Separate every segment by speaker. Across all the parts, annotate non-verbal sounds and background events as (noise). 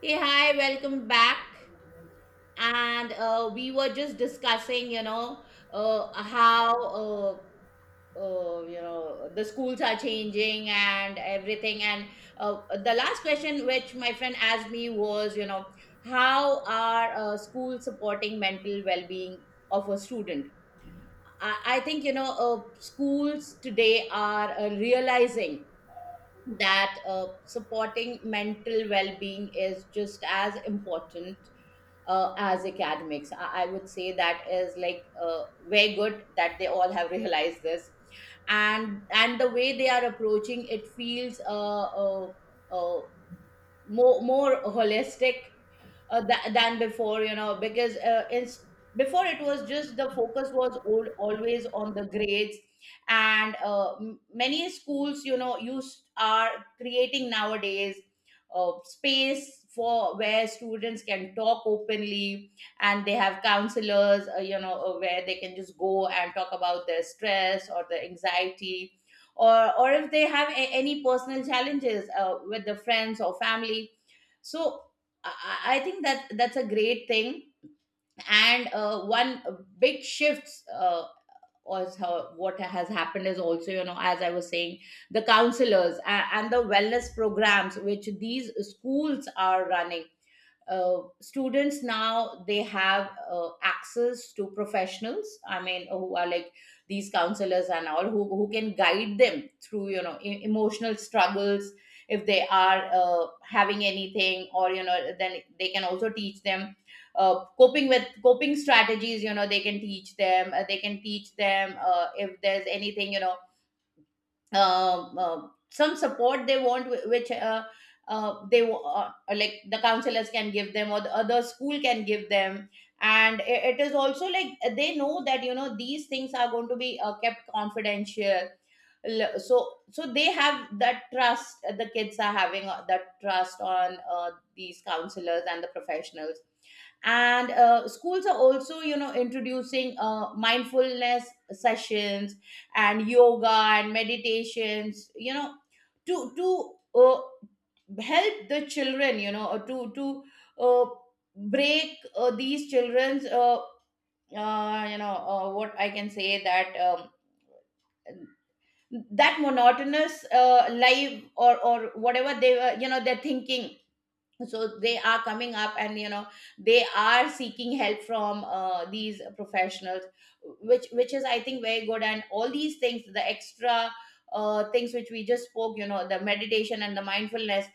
Speaker 1: Hey, hi, welcome back. And we were just discussing, uh, how, uh, the schools are changing and everything. And the last question which my friend asked me was, how are schools supporting mental well being of a student? I think, schools today are realizing that supporting mental well being is just as important as academics. I would say that is like very good that they all have (laughs) realized this, and the way they are approaching it feels uh, more holistic, than before, you know, because it's, before, it was just, the focus was old, always on the grades. And many schools, you know, used are creating nowadays space for where students can talk openly, and they have counselors, where they can just go and talk about their stress or the anxiety, or if they have any personal challenges with the friends or family. So think that that's a great thing, and one big shifts was how, what has happened is also, you know, as I was saying, the counselors and the wellness programs which these schools are running. Students now they have access to professionals, I mean, who are like these counselors and all, who can guide them through, you know, emotional struggles, if they are having anything. Or you know then they can also teach them coping with coping strategies. You know they can teach them, if there's anything, some support they want, which, like the counselors can give them or the other school can give them. And it is also like they know that, you know, these things are going to be kept confidential. So they have that trust, the kids are having that trust on these counselors and the professionals. And schools are also, you know, introducing mindfulness sessions and yoga and meditations, you know, to help the children, you know, to uh, break these children's, what I can say that, that monotonous life, or whatever they were, you know, they're thinking. So they are coming up and, you know, they are seeking help from these professionals, which is, I think, very good. And all these things, the extra things which we just spoke, you know, the meditation and the mindfulness,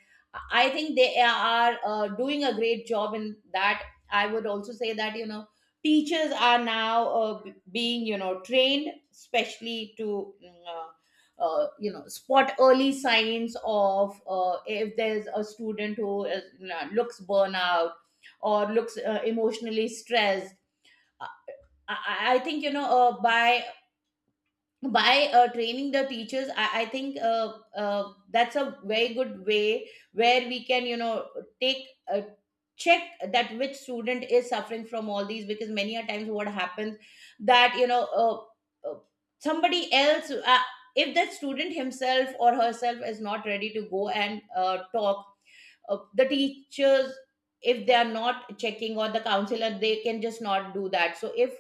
Speaker 1: I think they are doing a great job in that. I would also say that, you know, teachers are now being, you know, trained especially to mm, uh, spot early signs of, if there's a student who is, you know, looks burnout or looks emotionally stressed. I, I think, you know, by training the teachers, I think that's a very good way where we can, you know, take uh, check that which student is suffering from all these. Because many a times what happens, that, you know, uh, uh, somebody else, if that student himself or herself is not ready to go and talk, the teachers, if they are not checking, or the counselor, they can just not do that. So if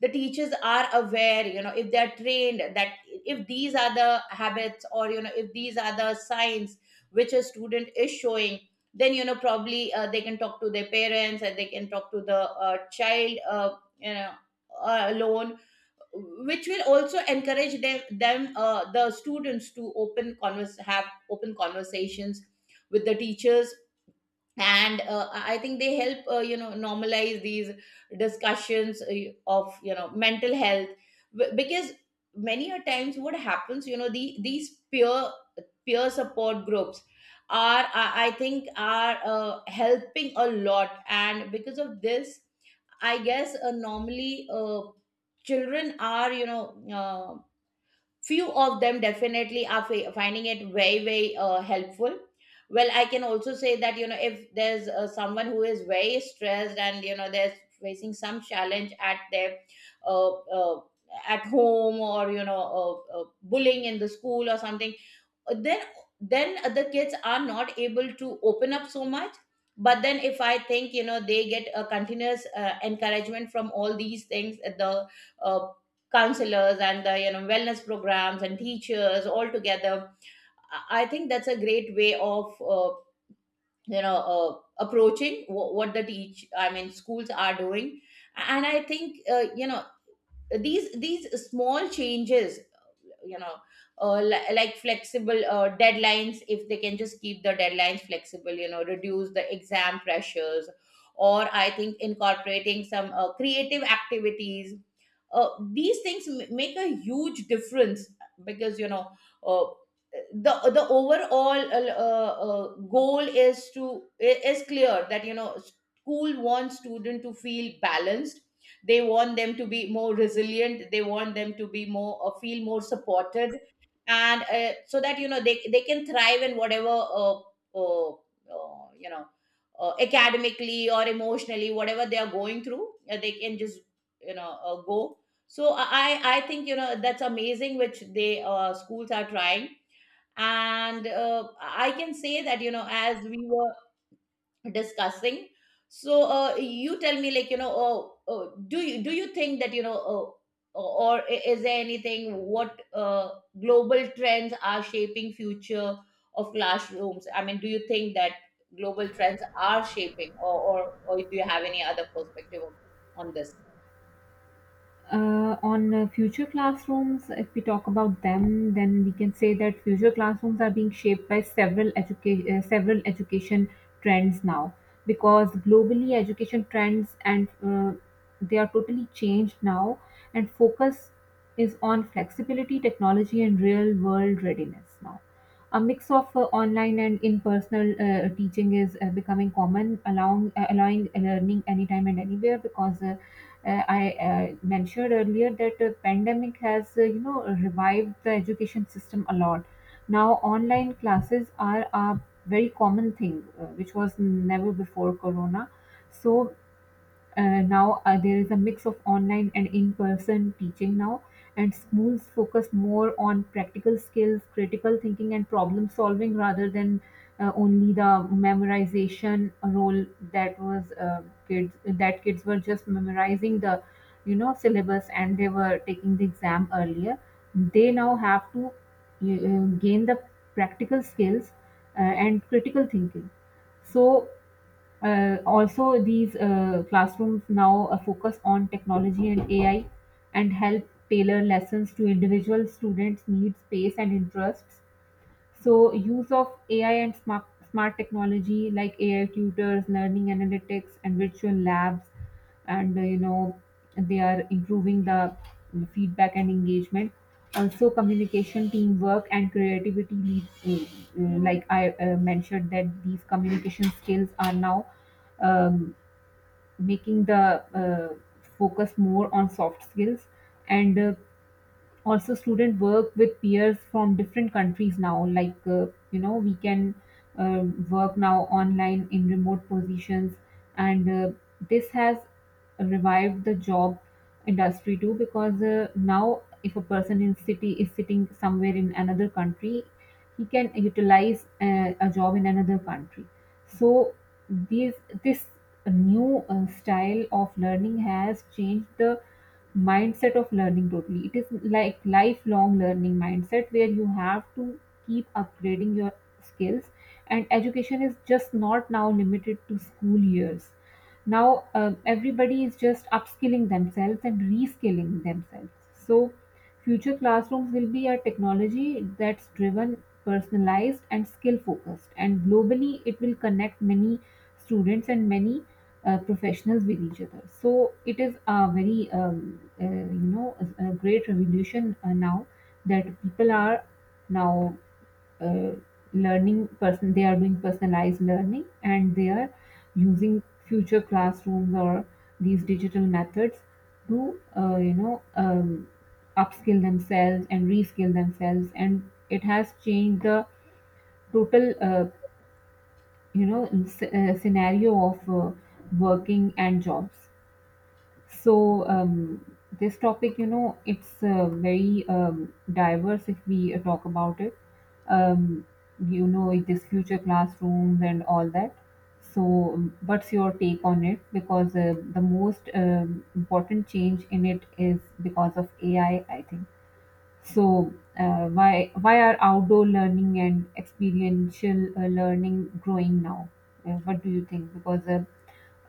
Speaker 1: the teachers are aware, you know, if they are trained, that if these are the habits, or you know, if these are the signs which a student is showing, then, you know, probably they can talk to their parents, and they can talk to the child, you know alone, which will also encourage them, the students, to open converse have open conversations with the teachers. And I think they help you know normalize these discussions of, you know, mental health. Because many a times what happens, you know, the these peer support groups are, I think are, helping a lot. And because of this, I guess normally, children are, you know, uh, few of them definitely are finding it very very helpful. Well, I can also say that, you know, if there's someone who is very stressed and, you know, they're facing some challenge at their, uh, uh, at home, or you know bullying in the school or something, then other kids are not able to open up so much. But then if, I think, you know, they get a continuous encouragement from all these things, the uh, counselors and the, you know, wellness programs and teachers all together, I think that's a great way of you know uh, approaching wh- what the teach I mean schools are doing. And I think you know these small changes, you know, like flexible deadlines, if they can just keep the deadlines flexible, you know, reduce the exam pressures, or I think incorporating some creative activities, these things make a huge difference. Because, you know, uh, the the overall goal is to is clear that, you know, school wants student to feel balanced, they want them to be more resilient, they want them to be more feel more supported. And so that, you know, they can thrive, in whatever uh, uh, you know academically or emotionally whatever they are going through, they can just, you know, go. So I think, you know, that's amazing which they, schools are trying. And I can say that, you know, as we were discussing, so you tell me, like, you know, do you think that, you know, is there anything what, global trends are shaping future of classrooms? I mean, do you think that global trends are shaping, or do you have any other perspective on this?
Speaker 2: On future classrooms, if we talk about them, then we can say that future classrooms are being shaped by several education trends now, because globally education trends and they are totally changed now, and focus is on flexibility, technology, and real world readiness now. A mix of online and in-personal teaching is becoming common, allowing learning anytime and anywhere. Because I mentioned earlier that the pandemic has revived the education system a lot. Now online classes are a very common thing, which was never before Corona. So now there is a mix of online and in-person teaching now, and schools focus more on practical skills, critical thinking, and problem solving rather than only the memorization role. That was uh, kids that kids were just memorizing the syllabus and they were taking the exam earlier. They now have to gain the practical skills and critical thinking. So also, these classrooms now focus on technology and AI, and help tailor lessons to individual students' needs, pace, and interests. So, use of AI and smart technology like AI tutors, learning analytics, and virtual labs, and uh, you know, they are improving the feedback and engagement. Also, communication, teamwork, and creativity lead. Like I mentioned, that these communication skills are now um, making the focus more on soft skills, and also student work with peers from different countries now. We can uh, work now online in remote positions, and this has revived the job industry too, because now if a person in city is sitting somewhere in another country, he can utilize a job in another country. So these this new style of learning has changed the mindset of learning totally. It is like lifelong learning mindset where you have to keep upgrading your skills, and education is just not now limited to school years now. Everybody is just upskilling themselves and reskilling themselves. So future classrooms will be a technology that's driven, personalized, and skill-focused. And globally, it will connect many students and many professionals with each other. So it is a very, a great revolution now, that people are now uh, learning person, they are doing personalized learning and they are using future classrooms or these digital methods to upskill themselves and reskill themselves, and it has changed the total scenario of working and jobs. So this topic, it's very diverse if we talk about it. Um, this future classrooms and all that. So, what's your take on it? Because the most important change in it is because of AI, I think. So, why are outdoor learning and experiential learning growing now? What do you think? Because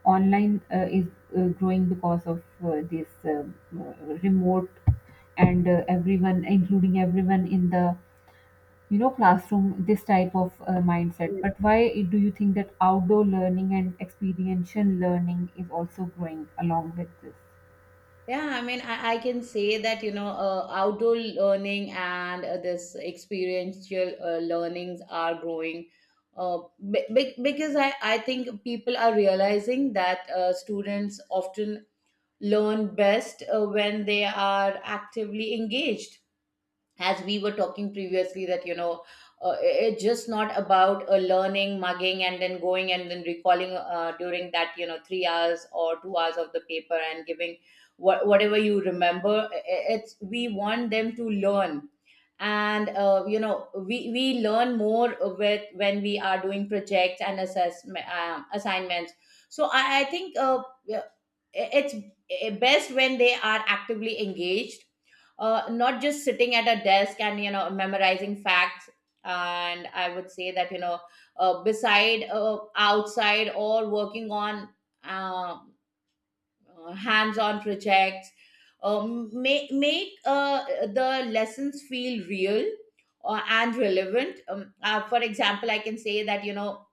Speaker 2: online is growing because of this remote, and everyone, including everyone in the classroom, this type of mindset. But why do you think that outdoor learning and experiential learning is also growing along with this?
Speaker 1: Yeah, I mean, I can say that, you know, outdoor learning and this experiential learnings are growing, uh, because I think people are realizing that students often learn best when they are actively engaged. As we were talking previously, that, you know, it's just not about learning mugging and then going and then recalling during that, you know, 3 hours or 2 hours of the paper and giving whatever you remember. It's, we want them to learn. And, you know, we learn more with when we are doing projects and assessment, assignments. So I think yeah, it's best when they are actively engaged, not just sitting at a desk and, you know, memorizing facts. And I would say that, you know, beside, outside, or working on uh, hands-on projects make the lessons feel real and relevant. For example, I can say that, you know,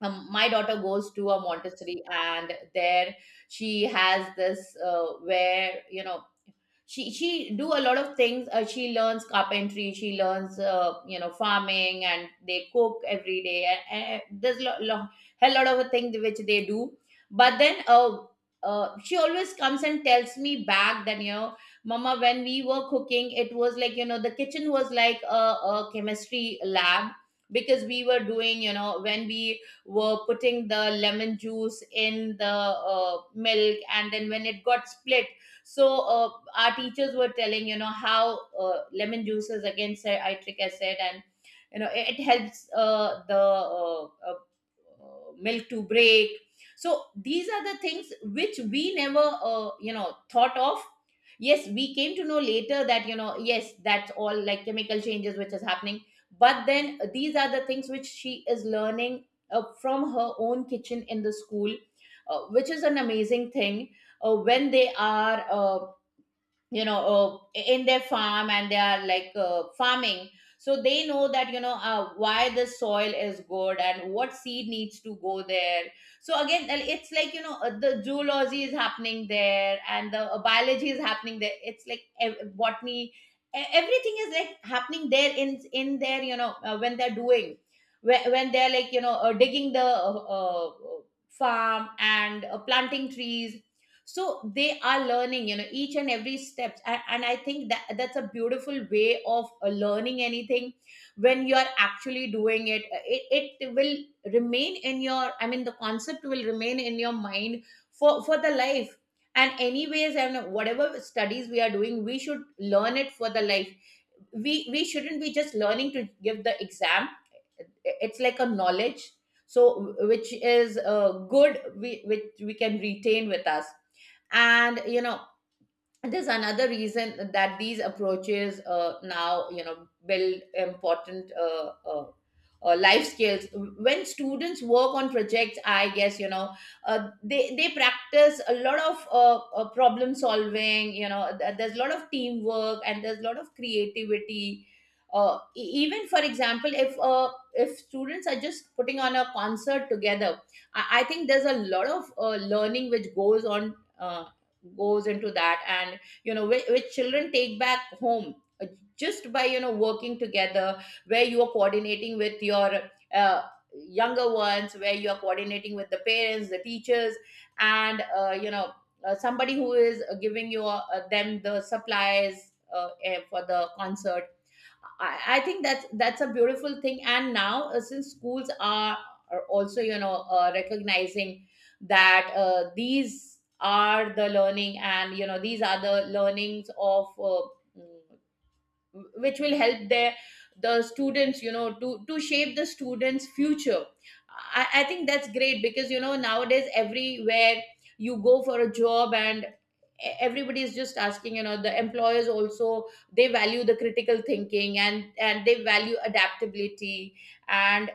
Speaker 1: my daughter goes to a Montessori, and there she has this, where, you know, she do a lot of things. She learns carpentry, she learns, you know, farming, and they cook every day, and there's hell lot of things which they do. But then she always comes and tells me back that, you know, mama, when we were cooking, it was like, you know, the kitchen was like a chemistry lab, because we were doing, you know, when we were putting the lemon juice in the milk, and then when it got split. So our teachers were telling, you know, how lemon juice is against citric acid, and, you know, it helps the milk to break. So these are the things which we never you know thought of. Yes, we came to know later that, you know, yes, that's all like chemical changes which is happening. But then these are the things which she is learning from her own kitchen in the school, which is an amazing thing. When they are in their farm and they are like farming, so they know that, you know, why the soil is good and what seed needs to go there. So again, it's like, you know, the zoology is happening there, and the biology is happening there, it's like botany, everything is like happening there, in there, you know, when they're doing, when they're like, you know, digging the farm and planting trees, so they are learning, you know, each and every steps, and I think that's a beautiful way of learning anything when you're actually doing it. It will remain in your, I mean, the concept will remain in your mind for the life. And anyways, and whatever studies we are doing, we should learn it for the life. We shouldn't be just learning to give the exam. It's like a knowledge, so which is good, which we can retain with us. And you know, there's another reason that these approaches, now you know, build important life skills. When students work on projects, I guess, you know, they practice a lot of problem solving. You know, there's a lot of teamwork and there's a lot of creativity. Even, for example, if students are just putting on a concert together, I think there's a lot of learning which goes on, goes into that. And you know, which children take back home, uh, just by, you know, working together, where you are coordinating with your uh, younger ones, where you are coordinating with the parents, the teachers, and you know, somebody who is giving you them the supplies, for the concert. I think that's a beautiful thing. And now, since are also, you know, recognizing that these are the learning, and you know, these are the learnings of mm, which will help the students, you know, to shape the students future. I think that's great, because you know, nowadays everywhere you go for a job, everybody is just asking, you know, the employers also, they value the critical thinking, and they value adaptability. And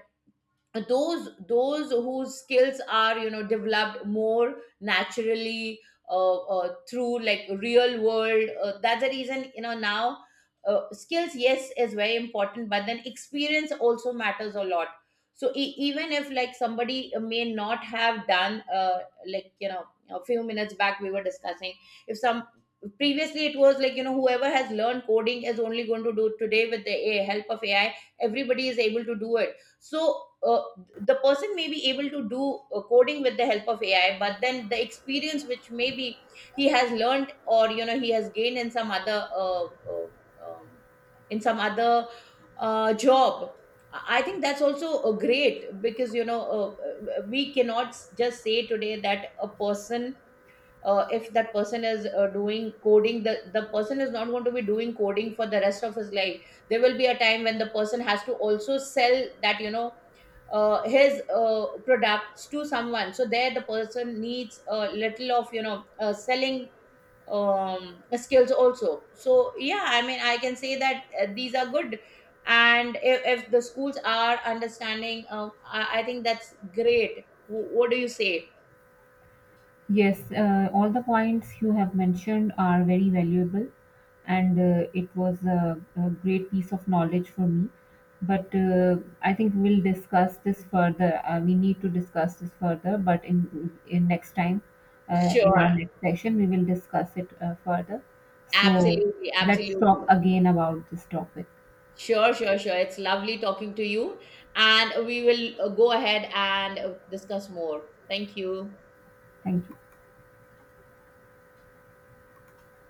Speaker 1: those whose skills are, you know, developed more naturally through like real world, that's the reason, you know, now skills, yes, is very important, but then experience also matters a lot. So even if like somebody may not have done, like you know, a few minutes back we were discussing, if some, previously it was like, you know, whoever has learned coding is only going to do it. Today, with the a help of AI, everybody is able to do it. So the person may be able to do coding with the help of AI, but then the experience which maybe he has learned, or you know, he has gained um, in some other job, I think that's also great. Because you know, we cannot just say today that a person, if that person is doing coding, the person is not going to be doing coding for the rest of his life. There will be a time when the person has to also sell that, you know, his products to someone. So there the person needs a little of, you know, selling skills also. So yeah, I mean, I can say that these are good. And if the schools are understanding, I think that's great. What do you say?
Speaker 2: Yes, all the points you have mentioned are very valuable, and it was a great piece of knowledge for me. But I think we'll discuss this further. We need to discuss this further, but in next time, in
Speaker 1: Sure.
Speaker 2: our next session, we will discuss it further. So
Speaker 1: Absolutely,
Speaker 2: let's talk
Speaker 1: absolutely.
Speaker 2: again about this topic.
Speaker 1: Sure, sure, sure. It's lovely talking to you, and we will go ahead and discuss more. Thank you.
Speaker 2: Thank you.